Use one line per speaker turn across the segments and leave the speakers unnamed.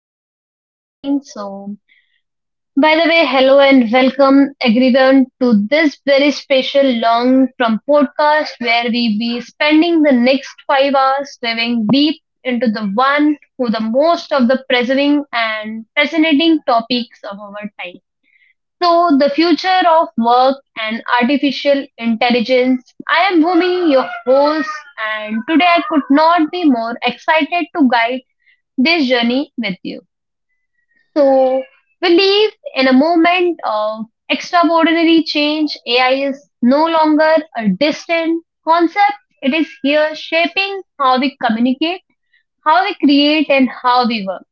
Tripti once again. So, by the way, hello and welcome everyone to this very special long from podcast where we be spending the next 5 hours diving deep into the one who the most of the preserving and fascinating topics of our time. So, the future of work and artificial intelligence. I am Bhumi, your host, and today I could not be more excited to guide this journey with you. So, we live in a moment of extraordinary change. AI is no longer a distant concept, it is here shaping how we communicate, how we create, and how we work.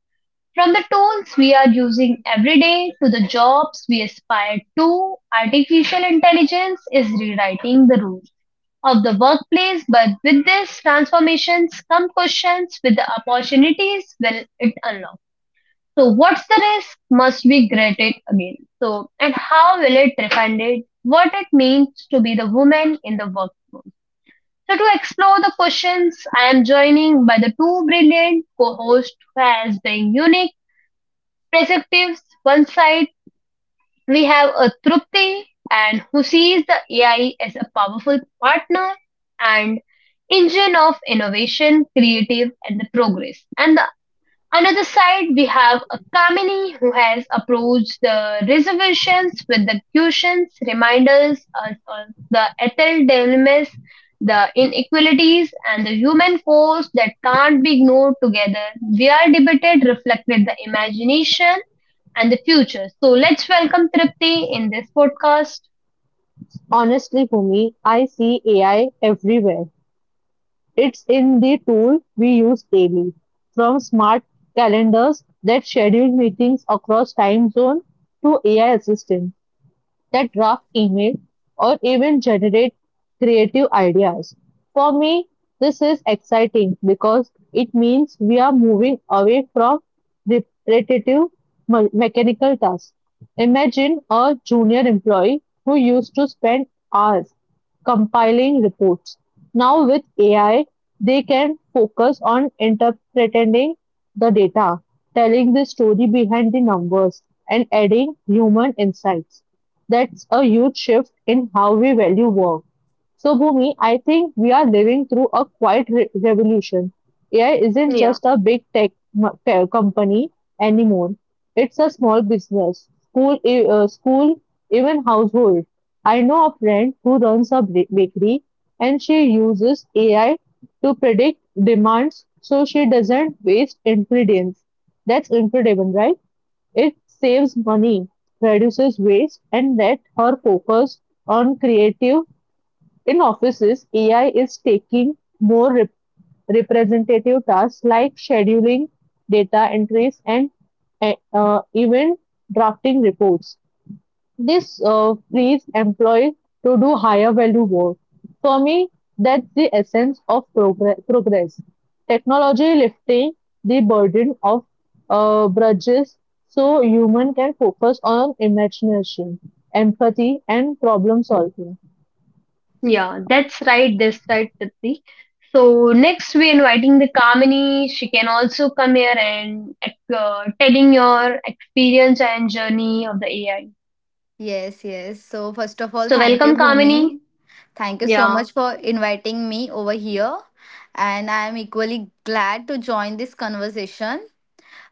From the tools we are using every day to the jobs we aspire to, artificial intelligence is rewriting the rules of the workplace. But with these transformations come questions with the opportunities will it unlock? So, what's the risk must be graded again. So, and how will it refine it? What it means to be the woman in the workforce. So to explore the questions, I am joining by the two brilliant co-hosts who has been unique perspectives. One side, we have a Trupti and who sees the AI as a powerful partner and engine of innovation, creative, and the progress. And the another side, we have a Kamini who has approached the reservations with the cushions, reminders us of the ethical dilemmas, the inequalities, and the human cost that can't be ignored together. We are debated, reflected the imagination and the future. So let's welcome Tripti in this podcast.
Honestly, for me, I see AI everywhere. It's in the tool we use daily, from smart calendars that schedule meetings across time zone to AI assistant that draft email or even generate creative ideas. For me, this is exciting because it means we are moving away from repetitive mechanical tasks. Imagine a junior employee who used to spend hours compiling reports. Now, with AI, they can focus on interpreting the data, telling the story behind the numbers, and adding human insights. That's a huge shift in how we value work. So, Bhumi, I think we are living through a quiet revolution. AI isn't
Yeah,
just a big tech company anymore. It's a small business, school, school, even household. I know a friend who runs a bakery and she uses AI to predict demands so she doesn't waste ingredients. That's incredible, right? It saves money, reduces waste, and let her focus on creative. In offices, AI is taking more representative tasks like scheduling, data entries, and even drafting reports. This frees employees to do higher value work. For me, that's the essence of progress. Technology lifting the burden of grudges so human can focus on imagination, empathy, and problem solving.
yeah, that's right, Tripti. So next we're inviting the Kamini. She can also come here and telling your experience and journey of the AI.
Yes, yes. So, first of all,
So
thank you,
welcome, Kamini.
Bhumi. Thank you so
Yeah.
much for inviting me over here. And I am equally glad to join this conversation,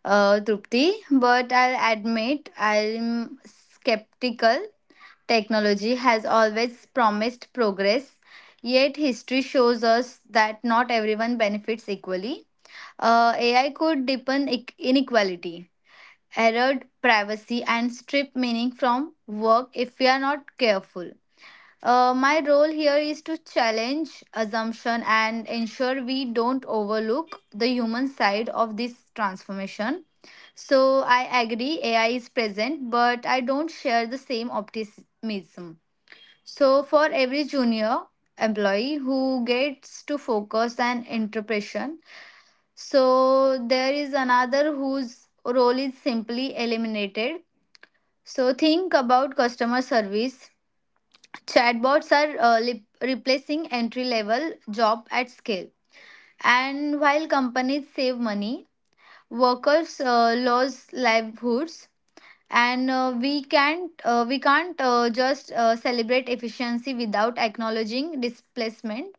Trupti. But I'll admit I'm skeptical. Technology has always promised progress, yet history shows us that not everyone benefits equally. AI could deepen inequality, erode privacy, and strip meaning from work if we are not careful. My role here is to challenge assumption and ensure we don't overlook the human side of this transformation. So I agree AI is present, but I don't share the same optimism. So for every junior employee who gets to focus and interpretation, so there is another whose role is simply eliminated. So think about customer service. Chatbots are replacing entry level job at scale. And while companies save money, workers lose livelihoods, and we can't just celebrate efficiency without acknowledging displacement.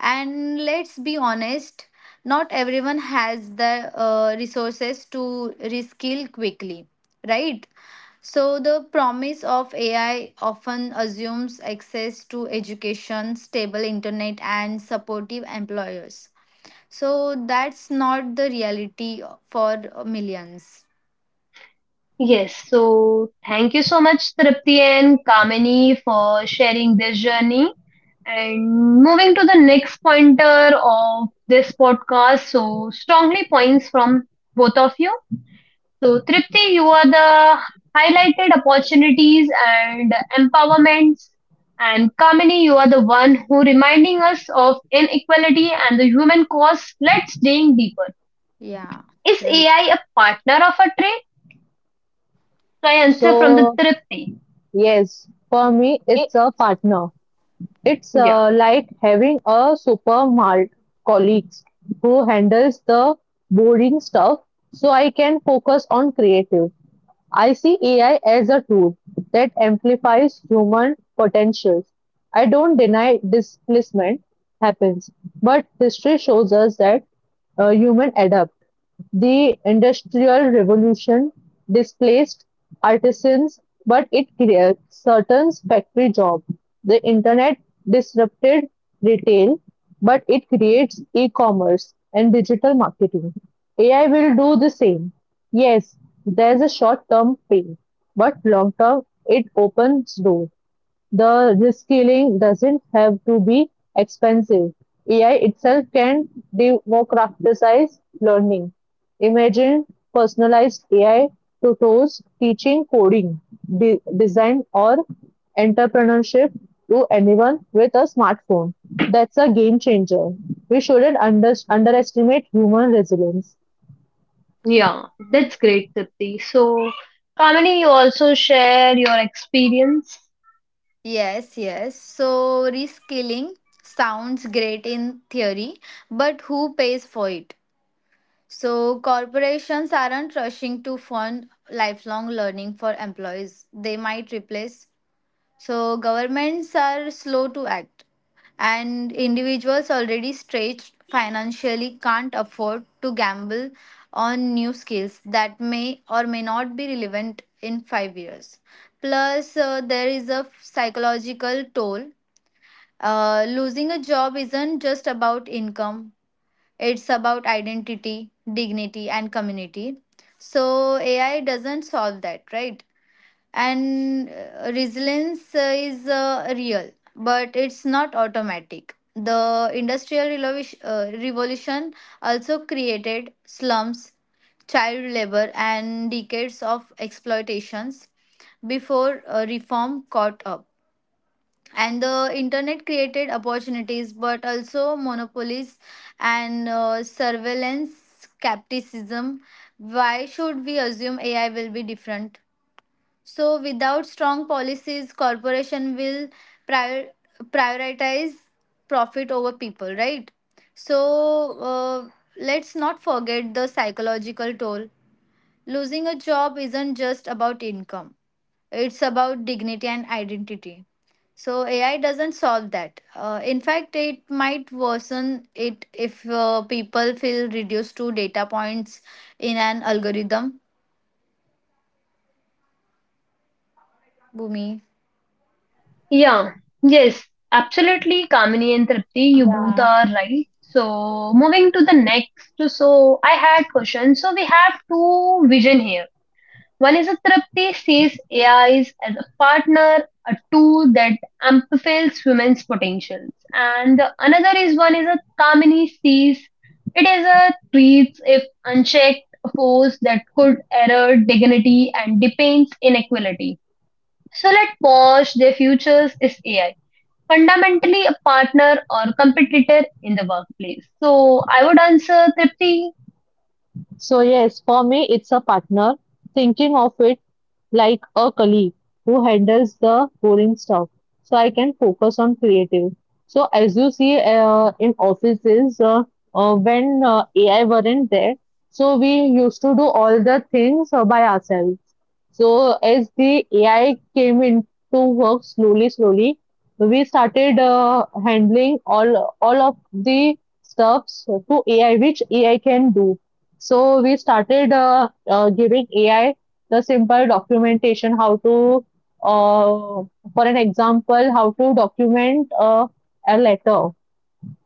And let's be honest, not everyone has the resources to reskill quickly, right? So, the promise of AI often assumes access to education, stable internet, and supportive employers. So, that's not the reality for millions.
Yes, so thank you so much, Tripti and Kamini, for sharing this journey. And moving to the next pointer of this podcast, so strongly points from both of you. So, Tripti, you are the highlighted opportunities and empowerments, and Kamini, you are the one who reminding us of inequality and the human cost. Let's dig deeper.
Yeah,
Is
right.
AI a partner of a trade? So, I answer from the
So
Tripti.
yes, for me, it's
It-
a partner. It's
Yeah.
like having a supermart colleague who handles the boring stuff so I can focus on creative. I see AI as a tool that amplifies human potentials. I don't deny displacement happens, but history shows us that human adapt. The Industrial Revolution displaced artisans, but it created certain factory jobs. The internet disrupted retail, but it creates e-commerce and digital marketing. AI will do the same. Yes, there's a short-term pain, but long-term it opens doors. The reskilling doesn't have to be expensive. AI itself can democratize learning. Imagine personalized AI tutors teaching coding, design, or entrepreneurship to anyone with a smartphone. That's a game changer. We shouldn't underestimate human resilience.
Yeah, that's great, Tripti. So, Kamini, you also share your experience.
Yes, yes. So, reskilling sounds great in theory, but who pays for it? So, corporations aren't rushing to fund lifelong learning for employees. They might replace. So governments are slow to act, and individuals already stretched financially can't afford to gamble on new skills that may or may not be relevant in 5 years. Plus, there is a psychological toll. Losing a job isn't just about income, it's about identity, dignity, and community. So, AI doesn't solve that, right? And resilience is real, but it's not automatic. The revolution also created slums, child labor, and decades of exploitations before reform caught up. And the internet created opportunities but also monopolies and surveillance. Skepticism. Why should we assume AI will be different? So without strong policies, corporation will prior, prioritize profit over people, right? So let's not forget the psychological toll. Losing a job isn't just about income. It's about dignity and identity. So AI doesn't solve that. In fact, it might worsen it if people feel reduced to data points in an algorithm. Bhumi.
Yeah, yes, absolutely, Kamini and Tripti, you both
Yeah.
are right. So, moving to the next, so I had questions. So, we have two vision here. One is that Tripti sees AIs as a partner, a tool that amplifies women's potentials. And the another is one is that Kamini sees it as a treats if unchecked force that could erode dignity and deepens inequality. So let pause their futures is AI. Fundamentally a partner or competitor in the workplace. So I would answer Tripti.
So, yes, for me, it's a partner, thinking of it like a colleague who handles the boring stuff so I can focus on creative. So, as you see in offices, when AI weren't there, so we used to do all the things by ourselves. So, as the AI came into work slowly, slowly, we started handling all of the stuffs to AI, which AI can do. So we started giving AI the simple documentation, how to, uh, for an example, how to document a letter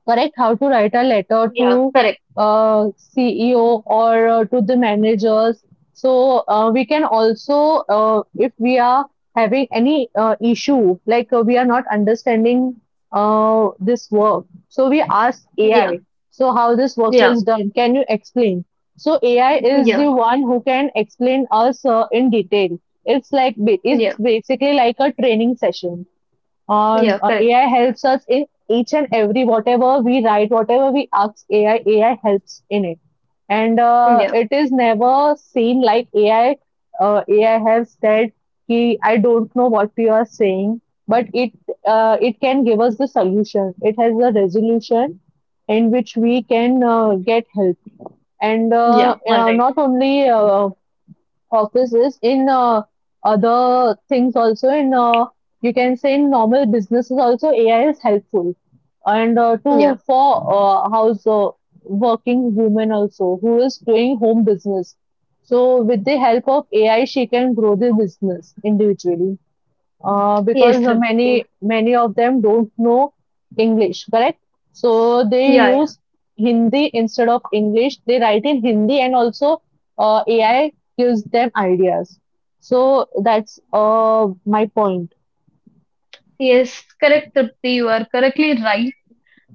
correct how to write a letter
Yeah,
to
correct.
uh, CEO or to the managers. So we can also, if we are having any issue, like we are not understanding this work, so we ask
Yeah,
AI. So how this work
yeah,
is done? Can you explain? So AI is the
yeah,
one who can explain us in detail.
yeah,
It's basically like a training session on
yeah, correct.
AI helps us in each and every whatever we write, whatever we ask AI, AI helps in it. And
Yeah.
it is never seen like AI. AI has said, "Ki I don't know what you are saying," but it it can give us the solution. It has a resolution in which we can get help. And uh,
Yeah. All
uh,
right.
not only uh, offices, in other things also, in you can say in normal businesses also, AI is helpful. And to
Yeah.
for house working women also who is doing home business. So with the help of AI, she can grow the business individually because
Yes, Tripti.
many of them don't know English, correct? So they
Yeah, yeah.
use Hindi instead of English. They write in Hindi, and also AI gives them ideas. So that's my point.
Yes, correct, Tripti. You are correctly right.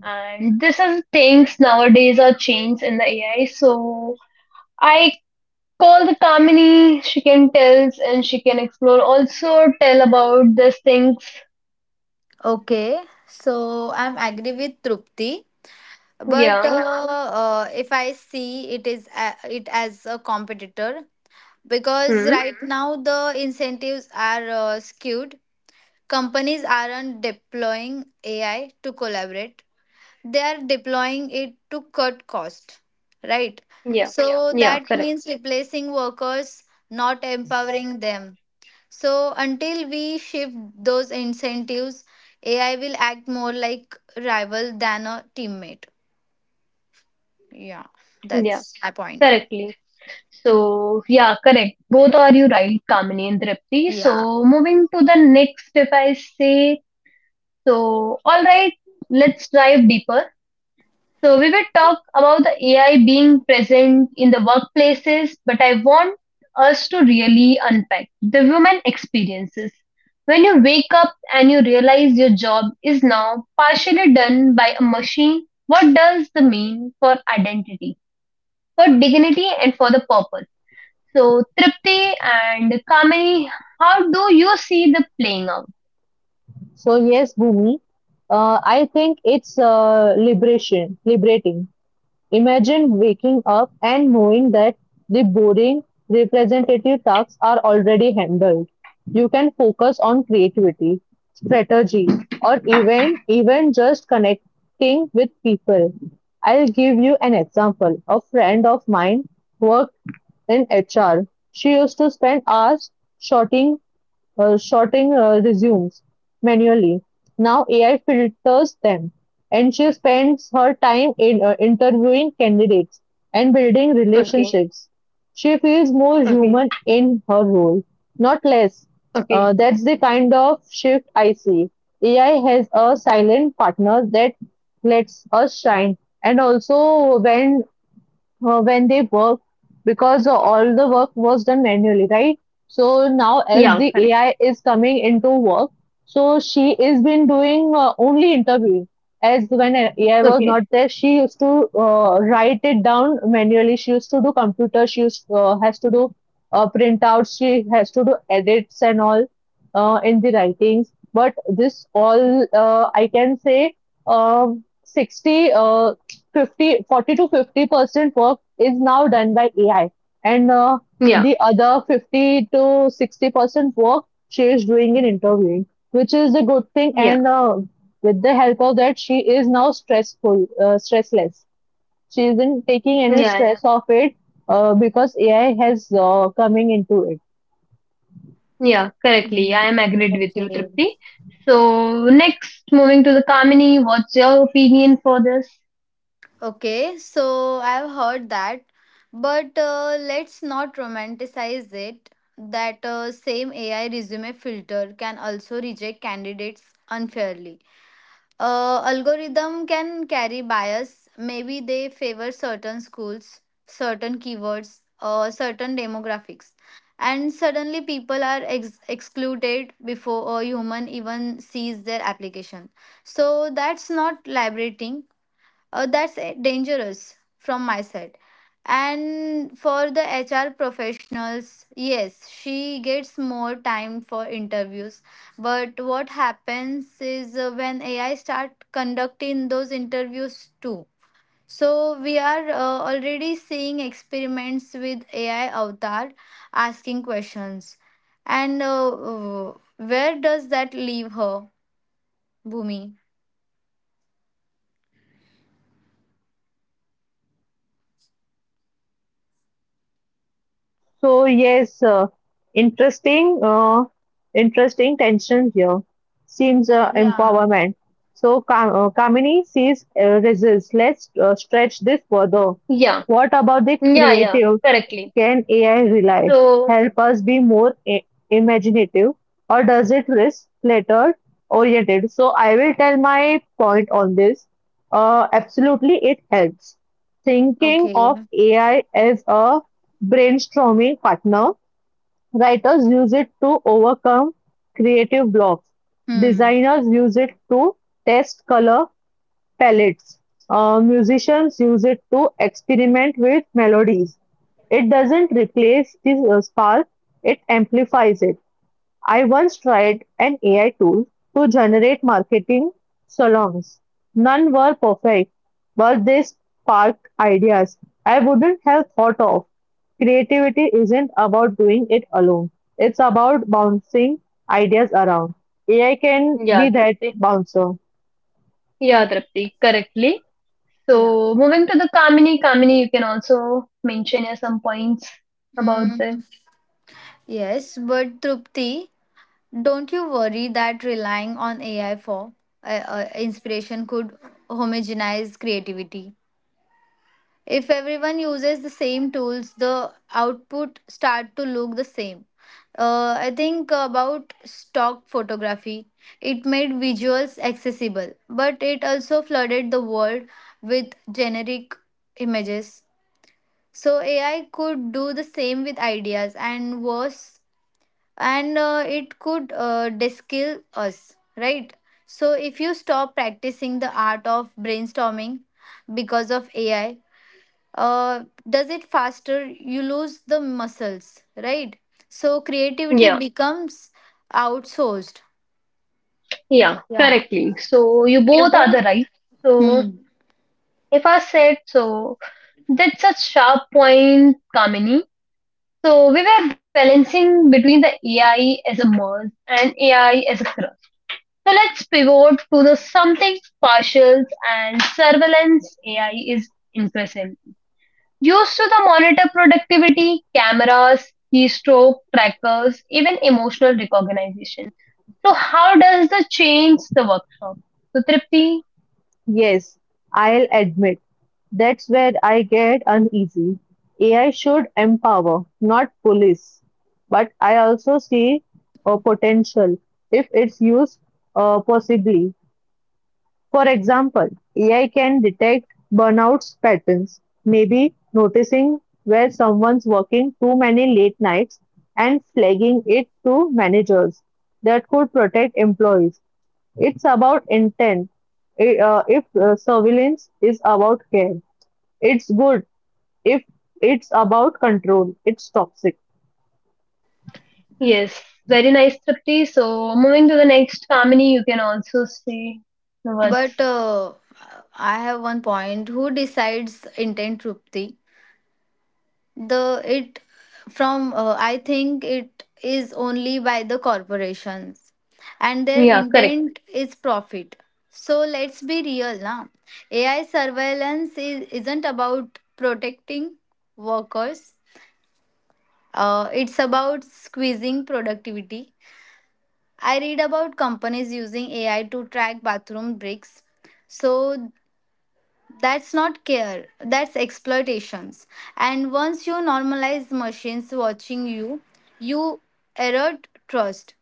And this is things nowadays are changed in the AI. So I call the Kamini. She can tells and she can explore. Also tell about these things.
Okay, so I'm agree with Trupti, but
Yeah.
if I see it is a, it as a competitor, because
Hmm.
right. Mhm. Now the incentives are skewed. Companies aren't deploying AI to collaborate; they are deploying it to cut cost, right?
Yeah.
So, yeah,
Yeah.
that, yeah,
Correct.
means replacing workers, not empowering them. So until we shift those incentives, AI will act more like rival than a teammate. Yeah,
Yeah.
that's my point.
Correctly. So yeah, correct. Both are you right, Kamini and Tripti.
Yeah.
So moving to the next, if I say So, all right, let's dive deeper. So, we will talk about the AI being present in the workplaces, but I want us to really unpack the human experiences. When you wake up and you realize your job is now partially done by a machine, what does the mean for identity, for dignity, and for the purpose? So, Tripti and Kamini, how do you see the playing out?
So yes, Bhumi, I think it's liberating. Imagine waking up and knowing that the boring representative tasks are already handled. You can focus on creativity, strategy, or even just connecting with people. I'll give you an example. A friend of mine worked in HR. She used to spend hours sorting sorting resumes manually. Now AI filters them, and she spends her time in interviewing candidates and building
Okay,
relationships. She feels more
okay,
human in her role, not less.
okay.
That's the kind of shift I see. AI has a silent partner that lets us shine, and also when they work because all the work was done manually, right? So now
Yeah,
as the
correct.
AI is coming into work, so she is been doing only interviewing. As when AI was
Okay.
not there, she used to write it down manually. She used to do computer. She used, has to do printouts. She has to do edits and all in the writings. But this all I can say um 60 uh, 50, 40 to 50% work is now done by AI, and
Yeah,
the other 50 to 60% work she is doing in interviewing, which is a good thing.
yeah,
And with the help of that, she is now stressless. She isn't taking any
yeah, yeah,
stress of it because AI has coming into it.
yeah. Correctly,
Hmm.
I am agreed with you,
Okay.
Tripti. So next, moving to the Kamini, what's your opinion for this?
Okay, so I've heard that, but let's not romanticize it. That same AI resume filter can also reject candidates unfairly. Algorithm can carry bias. Maybe they favor certain schools, certain keywords, or certain demographics. And suddenly people are excluded before a human even sees their application. So that's not liberating, that's dangerous from my side. And for the HR professionals, yes, she gets more time for interviews, but what happens is when AI start conducting those interviews too? So we are already seeing experiments with AI avatar asking questions, and where does that leave her, Bhumi?
So yes, interesting, uh, interesting tension here. Seems
Yeah.
empowerment. So Kamini sees results. Let's stretch this further.
Yeah,
What about the
yeah, yeah.
creative?
Correctly.
Can AI rely
So
help us be more imaginative, or does it risk clutter oriented? So I will tell my point on this. Absolutely, it helps. Thinking of
Okay.
AI as a brainstorming partner, writers use it to overcome creative blocks.
Hmm.
Designers use it to test color palettes. Musicians use it to experiment with melodies. It doesn't replace the spark, it amplifies it. I once tried an AI tool to generate marketing songs. None were perfect, but they sparked ideas I wouldn't have thought of. Creativity isn't about doing it alone, it's about bouncing ideas around. AI can be
yeah,
that
Tripti.
bouncer.
Yeah, Tripti. Correctly.
Yeah.
So moving to the Kamini, Kamini, you can also mention here some points about the.
Mm. Yes, but Trupti, don't you worry that relying on AI for inspiration could homogenize creativity? If everyone uses the same tools, the output start to look the same. I think about stock photography. It made visuals accessible, but it also flooded the world with generic images. So AI could do the same with ideas, and worse, and it could diskill us, right? So if you stop practicing the art of brainstorming because of AI, uh, does it faster, you lose the muscles, right? So creativity
Yeah,
becomes outsourced.
yeah.
Yeah.
Correctly. So you
They
both are
both-
the right. So
Hmm.
if I said so, that's a sharp point, Kamini. So we were balancing between the AI as a merge and AI as a cross. So let's pivot to the something partials and surveillance AI is increasing. Used to the monitor productivity, cameras, keystroke, trackers, even emotional recognition. So how does the change the workshop? So Tripti,
Yes, I'll admit. That's where I get uneasy. AI should empower, not police. But I also see a potential if it's used possibly. For example, AI can detect burnout patterns, maybe noticing where someone's working too many late nights and flagging it to managers. That could protect employees. It's about intent. If surveillance is about care, it's good if it's about control, it's toxic.
yes, very nice Tripti. So moving to the next family, you can also say the words.
But I have one point. Who decides intent, Trupti? The it from I think it is only by the corporations, and their
Yeah, correct.
intent is profit. So let's be real now. AI surveillance isn't about protecting workers, it's about squeezing productivity. I read about companies using AI to track bathroom breaks. So that's not care, that's exploitations. And once you normalize machines watching you, you erode trust.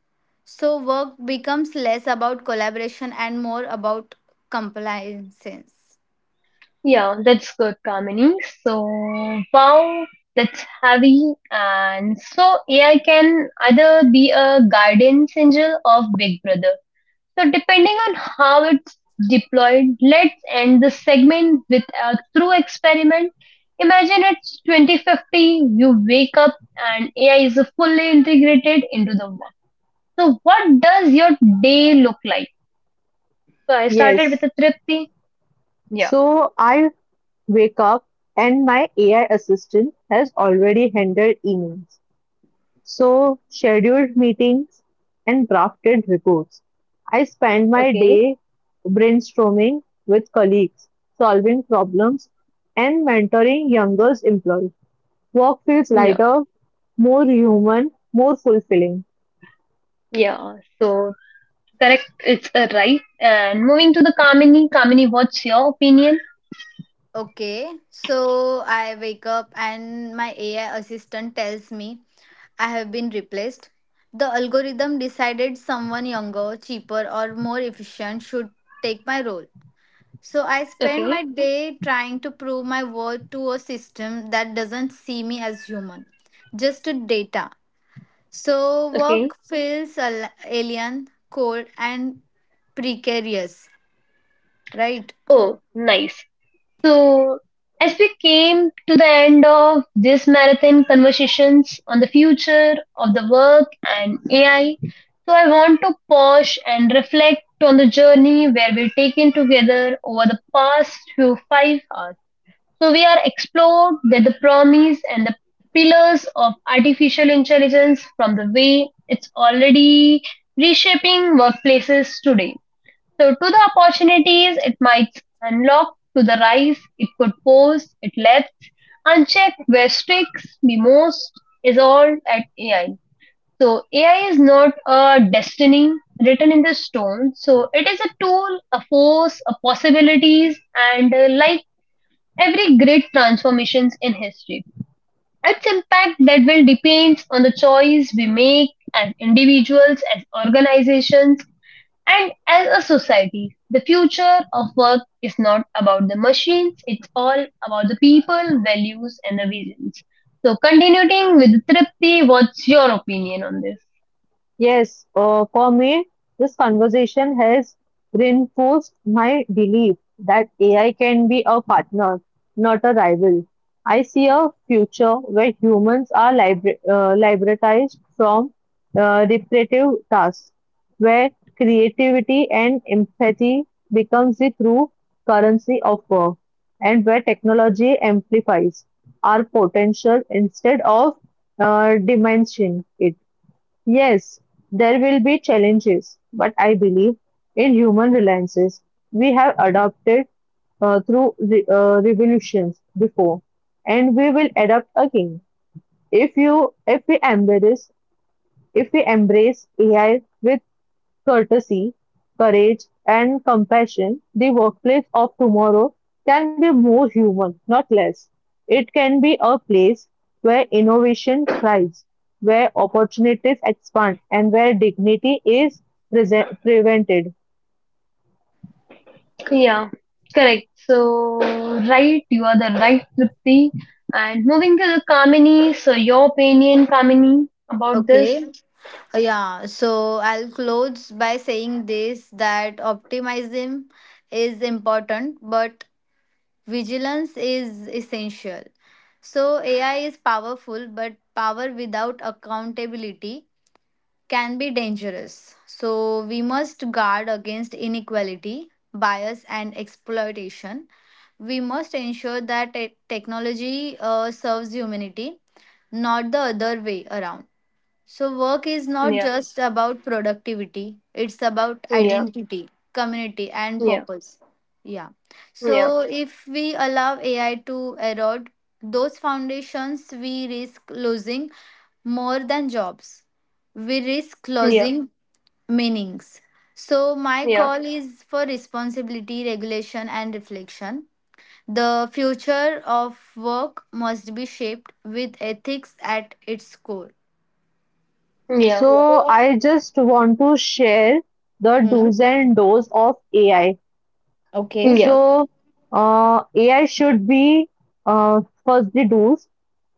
So work becomes less about collaboration and more about compliance.
Yeah, that's good, Kamini. So, wow, that's heavy. And so, AI can either be a guidance angel of Big Brother. So, depending on how it's deployed, let's end the segment with a true experiment. Imagine it's 2050, you wake up, and AI is fully integrated into the work. So, what does your day look like? So, I started with a
Yes.
tripty. Yeah,
So I wake up and my AI assistant has already handled emails. So scheduled meetings and drafted reports. I spend my
okay.
day brainstorming with colleagues, solving problems and mentoring younger employees. Work feels
Yeah.
lighter, more human, more fulfilling.
Yeah, so Correct, it's a right. And moving to the Kamini, Kamini, what's your opinion?
Okay, so I wake up and my AI assistant tells me I have been replaced. The algorithm decided someone younger, cheaper, or more efficient should take my role. So I spend
Okay,
my day trying to prove my worth to a system that doesn't see me as human, just a data. So
okay.
work feels alien, cold, and precarious, right?
Oh, nice. So, as we came to the end of this marathon conversations on the future of the work and AI, so I want to pause and reflect on the journey where we've taken together over the past few 5 hours. So we are explored that the promise and the pillars of artificial intelligence from the way it's already reshaping workplaces today. So to the opportunities it might unlock, to the rise it could pose, it left unchecked where sticks be most is all at AI. So AI is not a destiny written in the stone. So it is a tool, a force, a possibilities, and like every great transformations in history. Its impact that will depends on the choice we make as individuals, as organizations, and as a society. The future of work is not about the machines, it's all about the people, values, and the visions. So continuing with Tripti, what's your opinion on this?
Yes, for me, this conversation has reinforced my belief that AI can be a partner, not a rival. I see a future where humans are liberatized from repetitive tasks, where creativity and empathy becomes the true currency of work, and where technology amplifies our potential instead of diminishing it. Yes, there will be challenges, but I believe in human reliances. We have adopted through re revolutions before, and we will adapt again. If you, if we embrace, if we embrace AI with courtesy, courage, and compassion, the workplace of tomorrow can be more human, not less. It can be a place where innovation thrives, where opportunities expand, and where dignity is prevented.
Yeah, correct. So right, you are the right Tripti. And moving to the Kamini, so your opinion, Kamini, about this?
Okay. Yeah. So I'll close by saying this, that optimism is important, but vigilance is essential. So AI is powerful, but power without accountability can be dangerous. So, we must guard against inequality, bias, and exploitation. We must ensure that technology serves humanity, not the other way around. So, work is not
Yeah,
just about productivity, it's about
yeah,
identity, community, and
yeah,
purpose. Yeah.
yeah,
So, if we allow AI to erode those foundations, we risk losing more than jobs. We risk
yeah,
losing meanings. So, my
yeah,
call is for responsibility, regulation, and reflection. The future of work must be shaped with ethics at its core.
yeah,
So, I just want to share the do's
Hmm?
and don'ts of AI.
yeah,
So, AI should be, first the do's.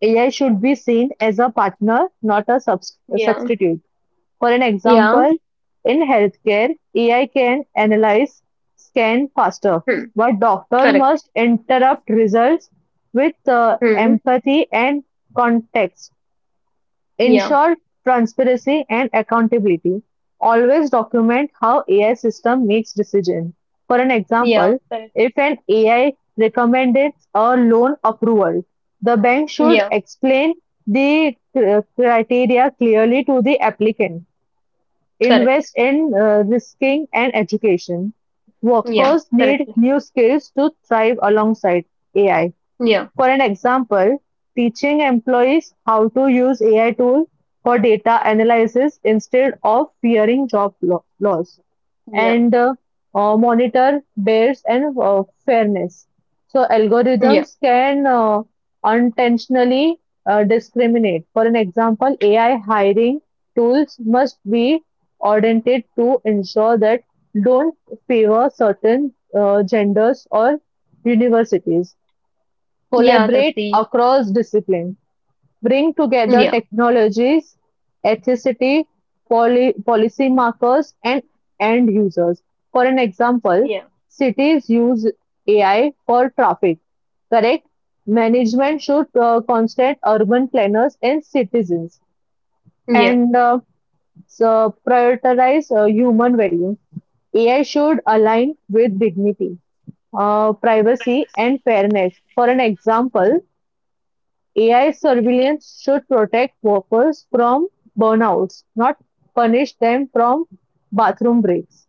AI should be seen as a partner, not a
yeah,
substitute. For an
yeah.
example, in healthcare, AI can analyze scan faster,
Hmm,
but doctor
correct.
must interrupt results with
Hmm,
empathy and context.
yeah,
Ensure transparency and accountability. Always document how AI system makes decision. For an
yeah,
example,
correct.
if an AI recommends a loan approval, the bank should
Yeah,
explain the criteria clearly to the applicant.
correct.
Invest in risking and education.
Yeah,
Workers need
correctly.
new skills to thrive alongside AI.
Yeah,
For an example, teaching employees how to use AI tool for data analysis instead of fearing loss
yeah,
and monitor bias and fairness. So
yeah,
algorithms can unintentionally discriminate. For an example, AI hiring tools must be audited to ensure that don't favor certain genders or universities.
yeah,
Collaborate
Tripti.
across disciplines. Bring together
Yeah,
technologies, ethnicity, poly, policy policymakers, and end users. For an example,
yeah,
cities use AI for traffic. Correct? Management should consult urban planners and citizens
yeah,
and so prioritize human value. AI should align with dignity, privacy, and fairness. For an example, AI surveillance should protect workers from burnouts, not punish them from bathroom breaks.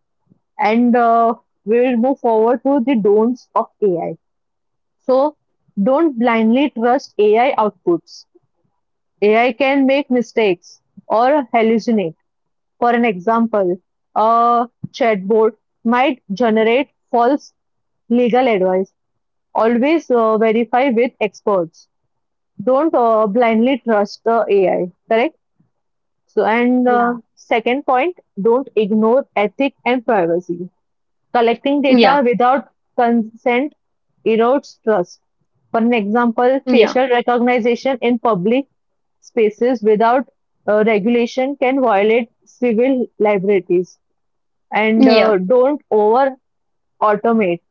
And we will move forward to the don'ts of AI. So, don't blindly trust AI outputs. AI can make mistakes or hallucinate. For an example, a chatbot might generate false legal advice. Always verify with experts don't blindly trust the AI, correct? So, and
Yeah.
second point, don't ignore ethic and privacy. Collecting
yeah,
data without consent erodes trust. For an example,
yeah,
facial recognition in public spaces without regulation can violate civil liberties. And
yeah,
don't over automate.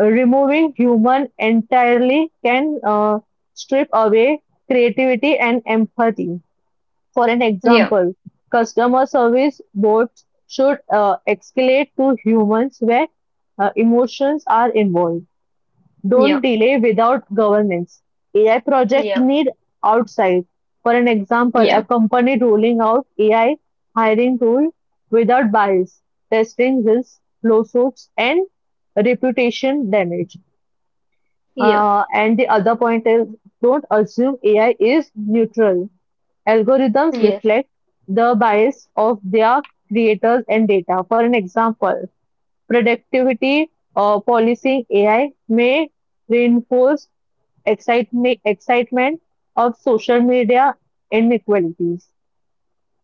Removing human entirely can strip away creativity and empathy. For an
yeah,
example, customer service bots should escalate to humans where emotions are involved.
yeah,
Don't delay without governance. AI project
yeah,
need outside. For an example, a
yeah,
company rolling out AI hiring tool without bias, testing risks, lawsuits, and reputation damage.
yeah,
And the other point is don't assume AI is neutral. Algorithms
yes,
reflect the bias of their creators and data. For an example, productivity or policing AI may reinforce excitement of social media inequalities.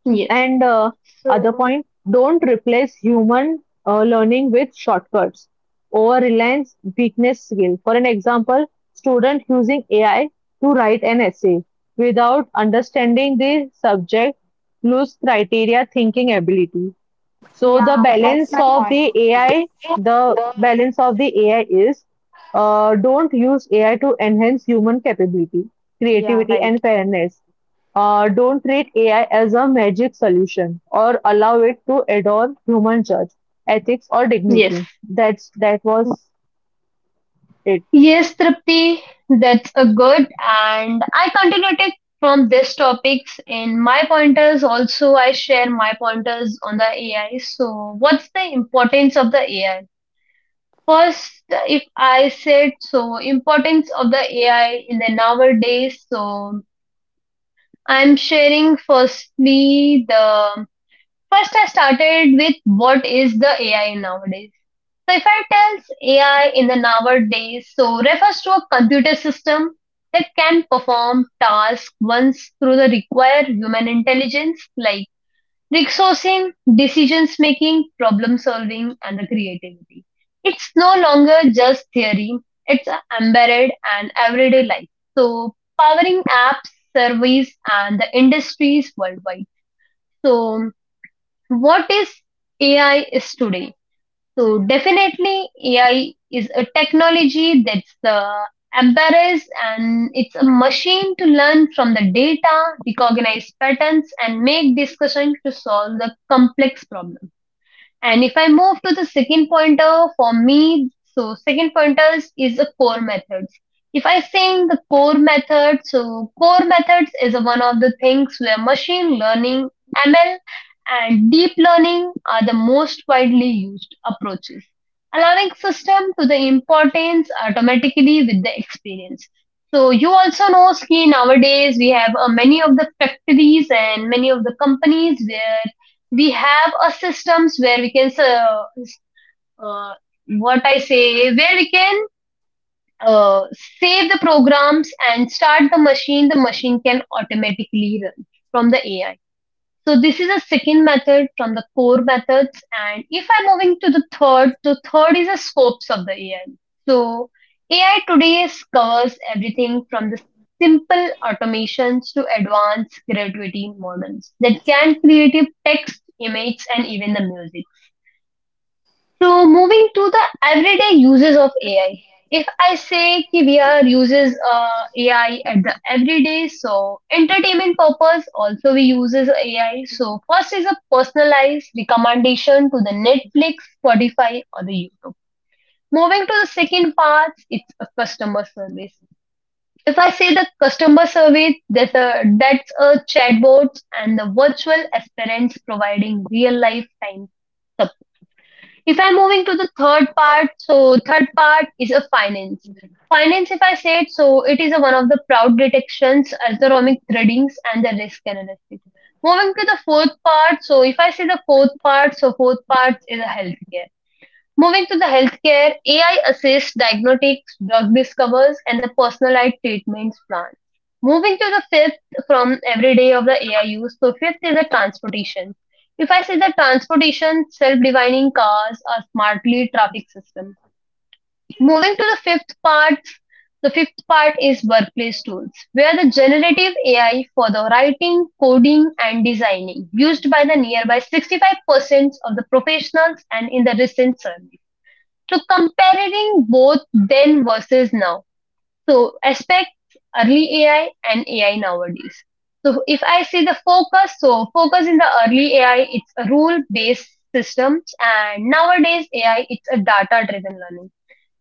yes.
And other
So,
point, don't replace human learning with shortcuts. Over reliance, weakness, skill. For an example, student using AI to write an essay without understanding the subject, lose criteria, thinking ability. So
Yeah, that's
the
my
balance
point.
of the AI, the balance of the AI is, don't use AI to enhance human capability,
Yeah,
creativity,
right.
and fairness. Don't treat AI as a magic solution or allow it to adorn human judge, ethics, or
yes,
dignity. That was it.
Yes, Tripti, that's a good. And I continued it from these topics in my pointers. Also, I share my pointers on the AI. So, what's the importance of the AI? First, if I said so, importance of the AI in the nowadays. So, I'm sharing firstly the first I started with what is the AI nowadays. So if I tells AI in the nowadays, so refers to a computer system that can perform tasks once through the required human intelligence like resourcing, decisions making, problem solving, and the creativity. It's no longer just theory, it's embedded and everyday life. So powering apps, surveys, and the industries worldwide. So what is AI is today? So definitely AI is a technology that's the embarrass and it's a machine to learn from the data, recognize patterns and make discussion to solve the complex problem. And if I move to the second pointer, for me, so second pointers is the core methods. If I saying the core method, so core methods is one of the things where machine learning, ML, and deep learning are the most widely used approaches, allowing system to the importance automatically with the experience. So you also know, Ski, nowadays we have many of the factories and many of the companies where we have a systems where we can uh, what I say where we can uh, save the programs and start the machine can automatically run from the ai so this is a second method from the core methods. And if I'm moving to the third is the scopes of the AI. So AI today is- covers everything from the simple automations to advanced creativity models that can create text, image, and even the music. So moving to the everyday uses of AI. If I say कि we are uses AI at the everyday, so entertainment purpose also we uses AI. So first is a personalized recommendation to the Netflix, Spotify, or the YouTube. Moving to the second part, it's a customer service. If I say the customer service, that's a chatbot and the virtual aspirants providing real life time if I'm moving to the third part, so third part is a finance. Finance, if I say it, so it is a one of the proud detections, ergonomic threadings, and the risk analysis. Moving to the fourth part, so if I say the fourth part, so fourth part is a healthcare. Moving to the healthcare, AI assists diagnostics, drug discovers, and the personalized treatments plan. Moving to the fifth from every day of the AI use, so fifth is the transportation. If I say the transportation, self-divining cars or smartly traffic system. Moving to the fifth part is workplace tools, where the generative AI for the writing, coding, and designing used by the nearby 65% of the professionals and in the recent survey. So comparing both then versus now. So aspects early AI and AI nowadays. So if I see the focus, so focus in the early AI, it's a rule-based systems, and nowadays AI, it's a data-driven learning.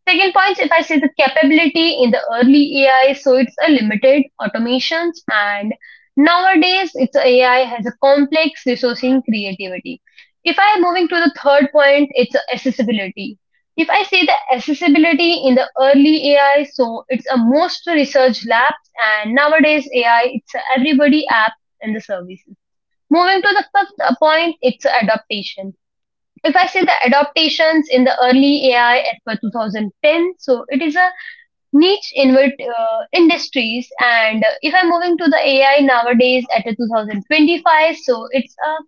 Second point, if I say the capability in the early AI, so it's a limited automations and nowadays it's a AI has a complex resourcing creativity. If I am moving to the third point, it's a accessibility. If I say the accessibility in the early AI, so it's a most research labs and nowadays AI, it's a everybody app and the services. Moving to the fifth point, it's adaptation if I say the adaptations in the early AI as per 2010, so it is a niche invert, industries. And if I'm moving to the AI nowadays at the 2025, so it's a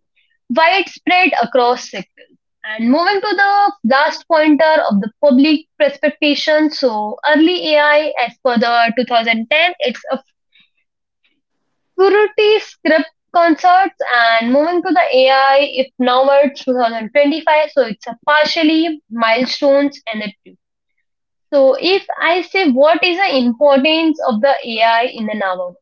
widespread across sectors. And moving to the last pointer of the public expectation, so early AI as per the 2010, it's a Kuruti script concerts and moving to the AI if November 2025. So it's a partially milestones and a two. So if I say what is the importance of the AI in the November?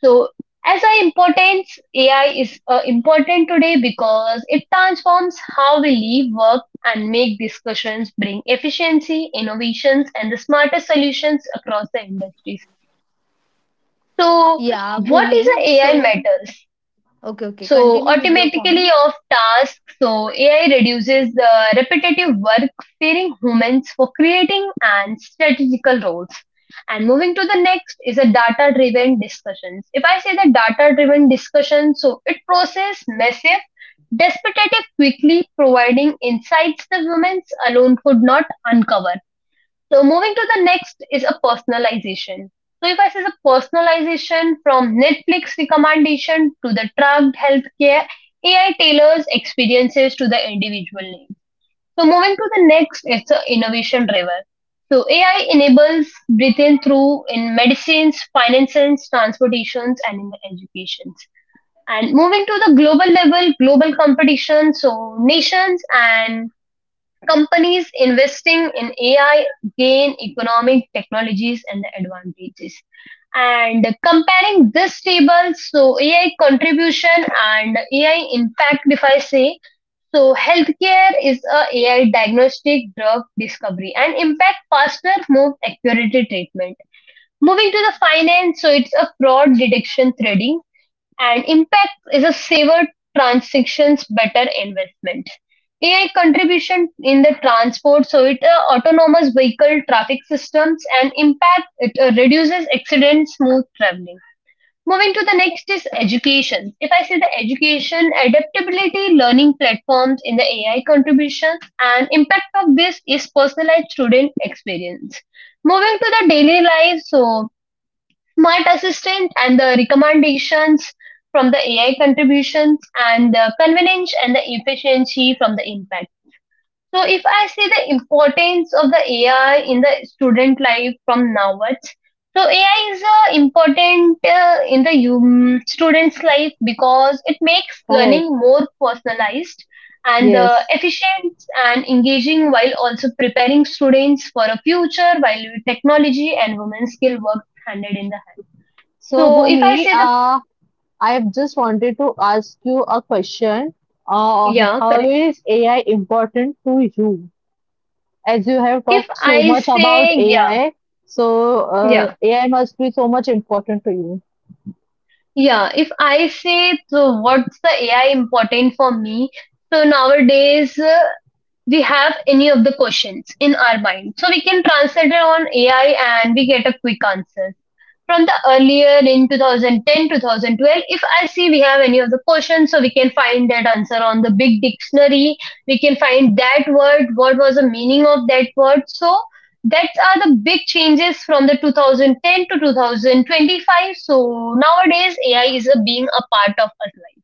So as a importance, AI is important today because it transforms how we live, work, and make discussions, bring efficiency, innovations, and the smartest solutions across the industries. So
Yeah,
what is
Bhumi.
the AI
So,
matters?
okay, okay. Continue
So
with your point.
automatically of tasks, so AI reduces the repetitive work, freeing humans for creating and strategical roles. And moving to the next is a data-driven discussions. If I say the data-driven discussion, so it process massive, despotative quickly, providing insights the humans alone could not uncover. So moving to the next is a personalization. So if I say the personalization from Netflix recommendation to the tracked healthcare, AI tailors experiences to the individual needs. So moving to the next, it's an innovation driver. So AI enables breathing through in medicines, finances, transportations, and in the educations. And moving to the global level, global competition. So nations and companies investing in AI gain economic technologies and the advantages. And comparing this table, so AI contribution and AI impact, if I say, so healthcare is a AI diagnostic drug discovery and impact faster, more accurate treatment. Moving to the finance, so it's a fraud detection threading and impact is a saver transactions better investment. AI contribution in the transport, so it autonomous vehicle traffic systems and impact it reduces accidents, smooth traveling. Moving to the next is education. If I say the education, adaptability, learning platforms in the AI contributions, and impact of this is personalized student experience. Moving to the daily life, so Smart Assistant and the recommendations from the AI contributions and the convenience and the efficiency from the impact. So if I say the importance of the AI in the student life from now onwards, so AI is important in the student's life because it makes
Correct.
learning more personalized and
Yes.
efficient and engaging while also preparing students for a future value technology and women's skill work handed in the hand.
So
So if I
Bhumi,
say the,
I just wanted to ask you a question.
yeah,
How
correct.
is AI important to you? As you have
If
talked so
I
much about
say, yeah,
AI, so
yeah,
AI must be so much important to you.
yeah. If I say so what's the AI important for me? So nowadays we have any of the questions in our mind, so we can translate it on AI and we get a quick answer. From the earlier in 2010, 2012, if I see we have any of the questions, so we can find that answer on the big dictionary. We can find that word, what was the meaning of that word. So that are the big changes from the 2010 to 2025. So nowadays AI is a, being a part of our life.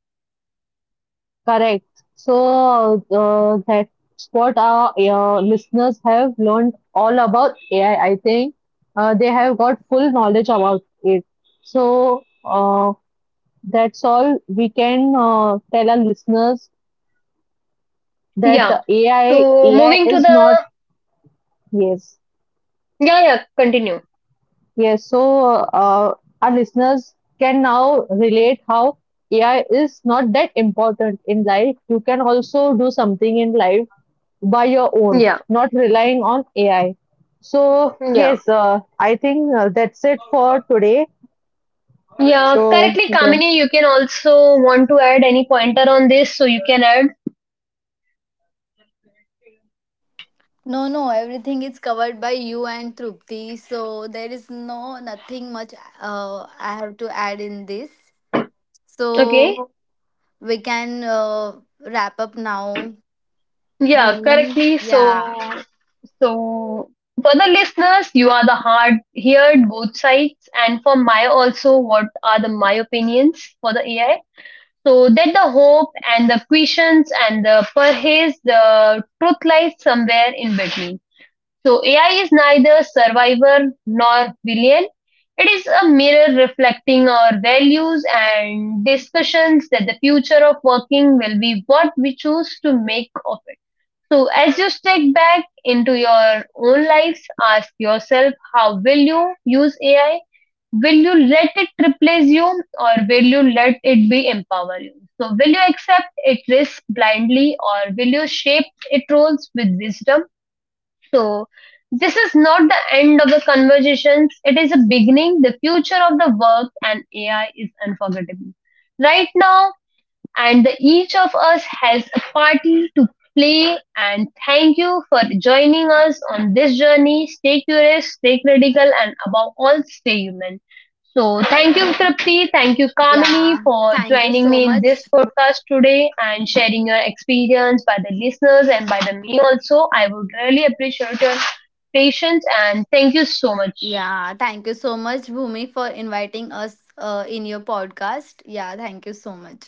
Correct. So that's what our listeners have learned all about AI. I think they have got full knowledge about it. So that's all we can tell our listeners that
Yeah, so
AI
moving to
is not
the,
yes.
yeah, yeah, continue.
Yes, so uh, our listeners can now relate how AI is not that important in life. You can also do something in life by your own,
Yeah,
not relying on AI. So,
yeah,
yes, I think that's it for today.
yeah
So,
correctly,
okay.
Kamini, you can also want to add any pointer on this, so you can add.
No, no. Everything is covered by you and Trupti. So there is no nothing much. I have to add in this.
Okay.
So we can wrap up now,
Yeah,
Bhumi.
correctly.
Yeah,
So, for the listeners, you are the hard heard both sides, and for my also, what are the my opinions for the AI? So that the hope and the questions and the perhaps the truth lies somewhere in between. So AI is neither survivor nor villain. It is a mirror reflecting our values and discussions that the future of working will be what we choose to make of it. So, as you step back into your own lives, ask yourself how will you use AI? Will you let it replace you or will you let it be empower you? So, will you accept its risk blindly or will you shape its roles with wisdom? So, this is not the end of the conversations, it is a beginning. The future of the work and AI is unforgettable. Right now, and each of us has a party to play. And thank you for joining us on this journey. Stay curious, stay critical, and above all, stay human. So, thank you, Tripti. Thank you, Kamini,
yeah.
for
Thank you
joining
so
me in this
much.
podcast today and sharing your experience by the listeners and by the me also. I would really appreciate your patience and thank you so much.
Yeah, thank you so much, Bhumi, for inviting us in your podcast. Yeah, thank you so much.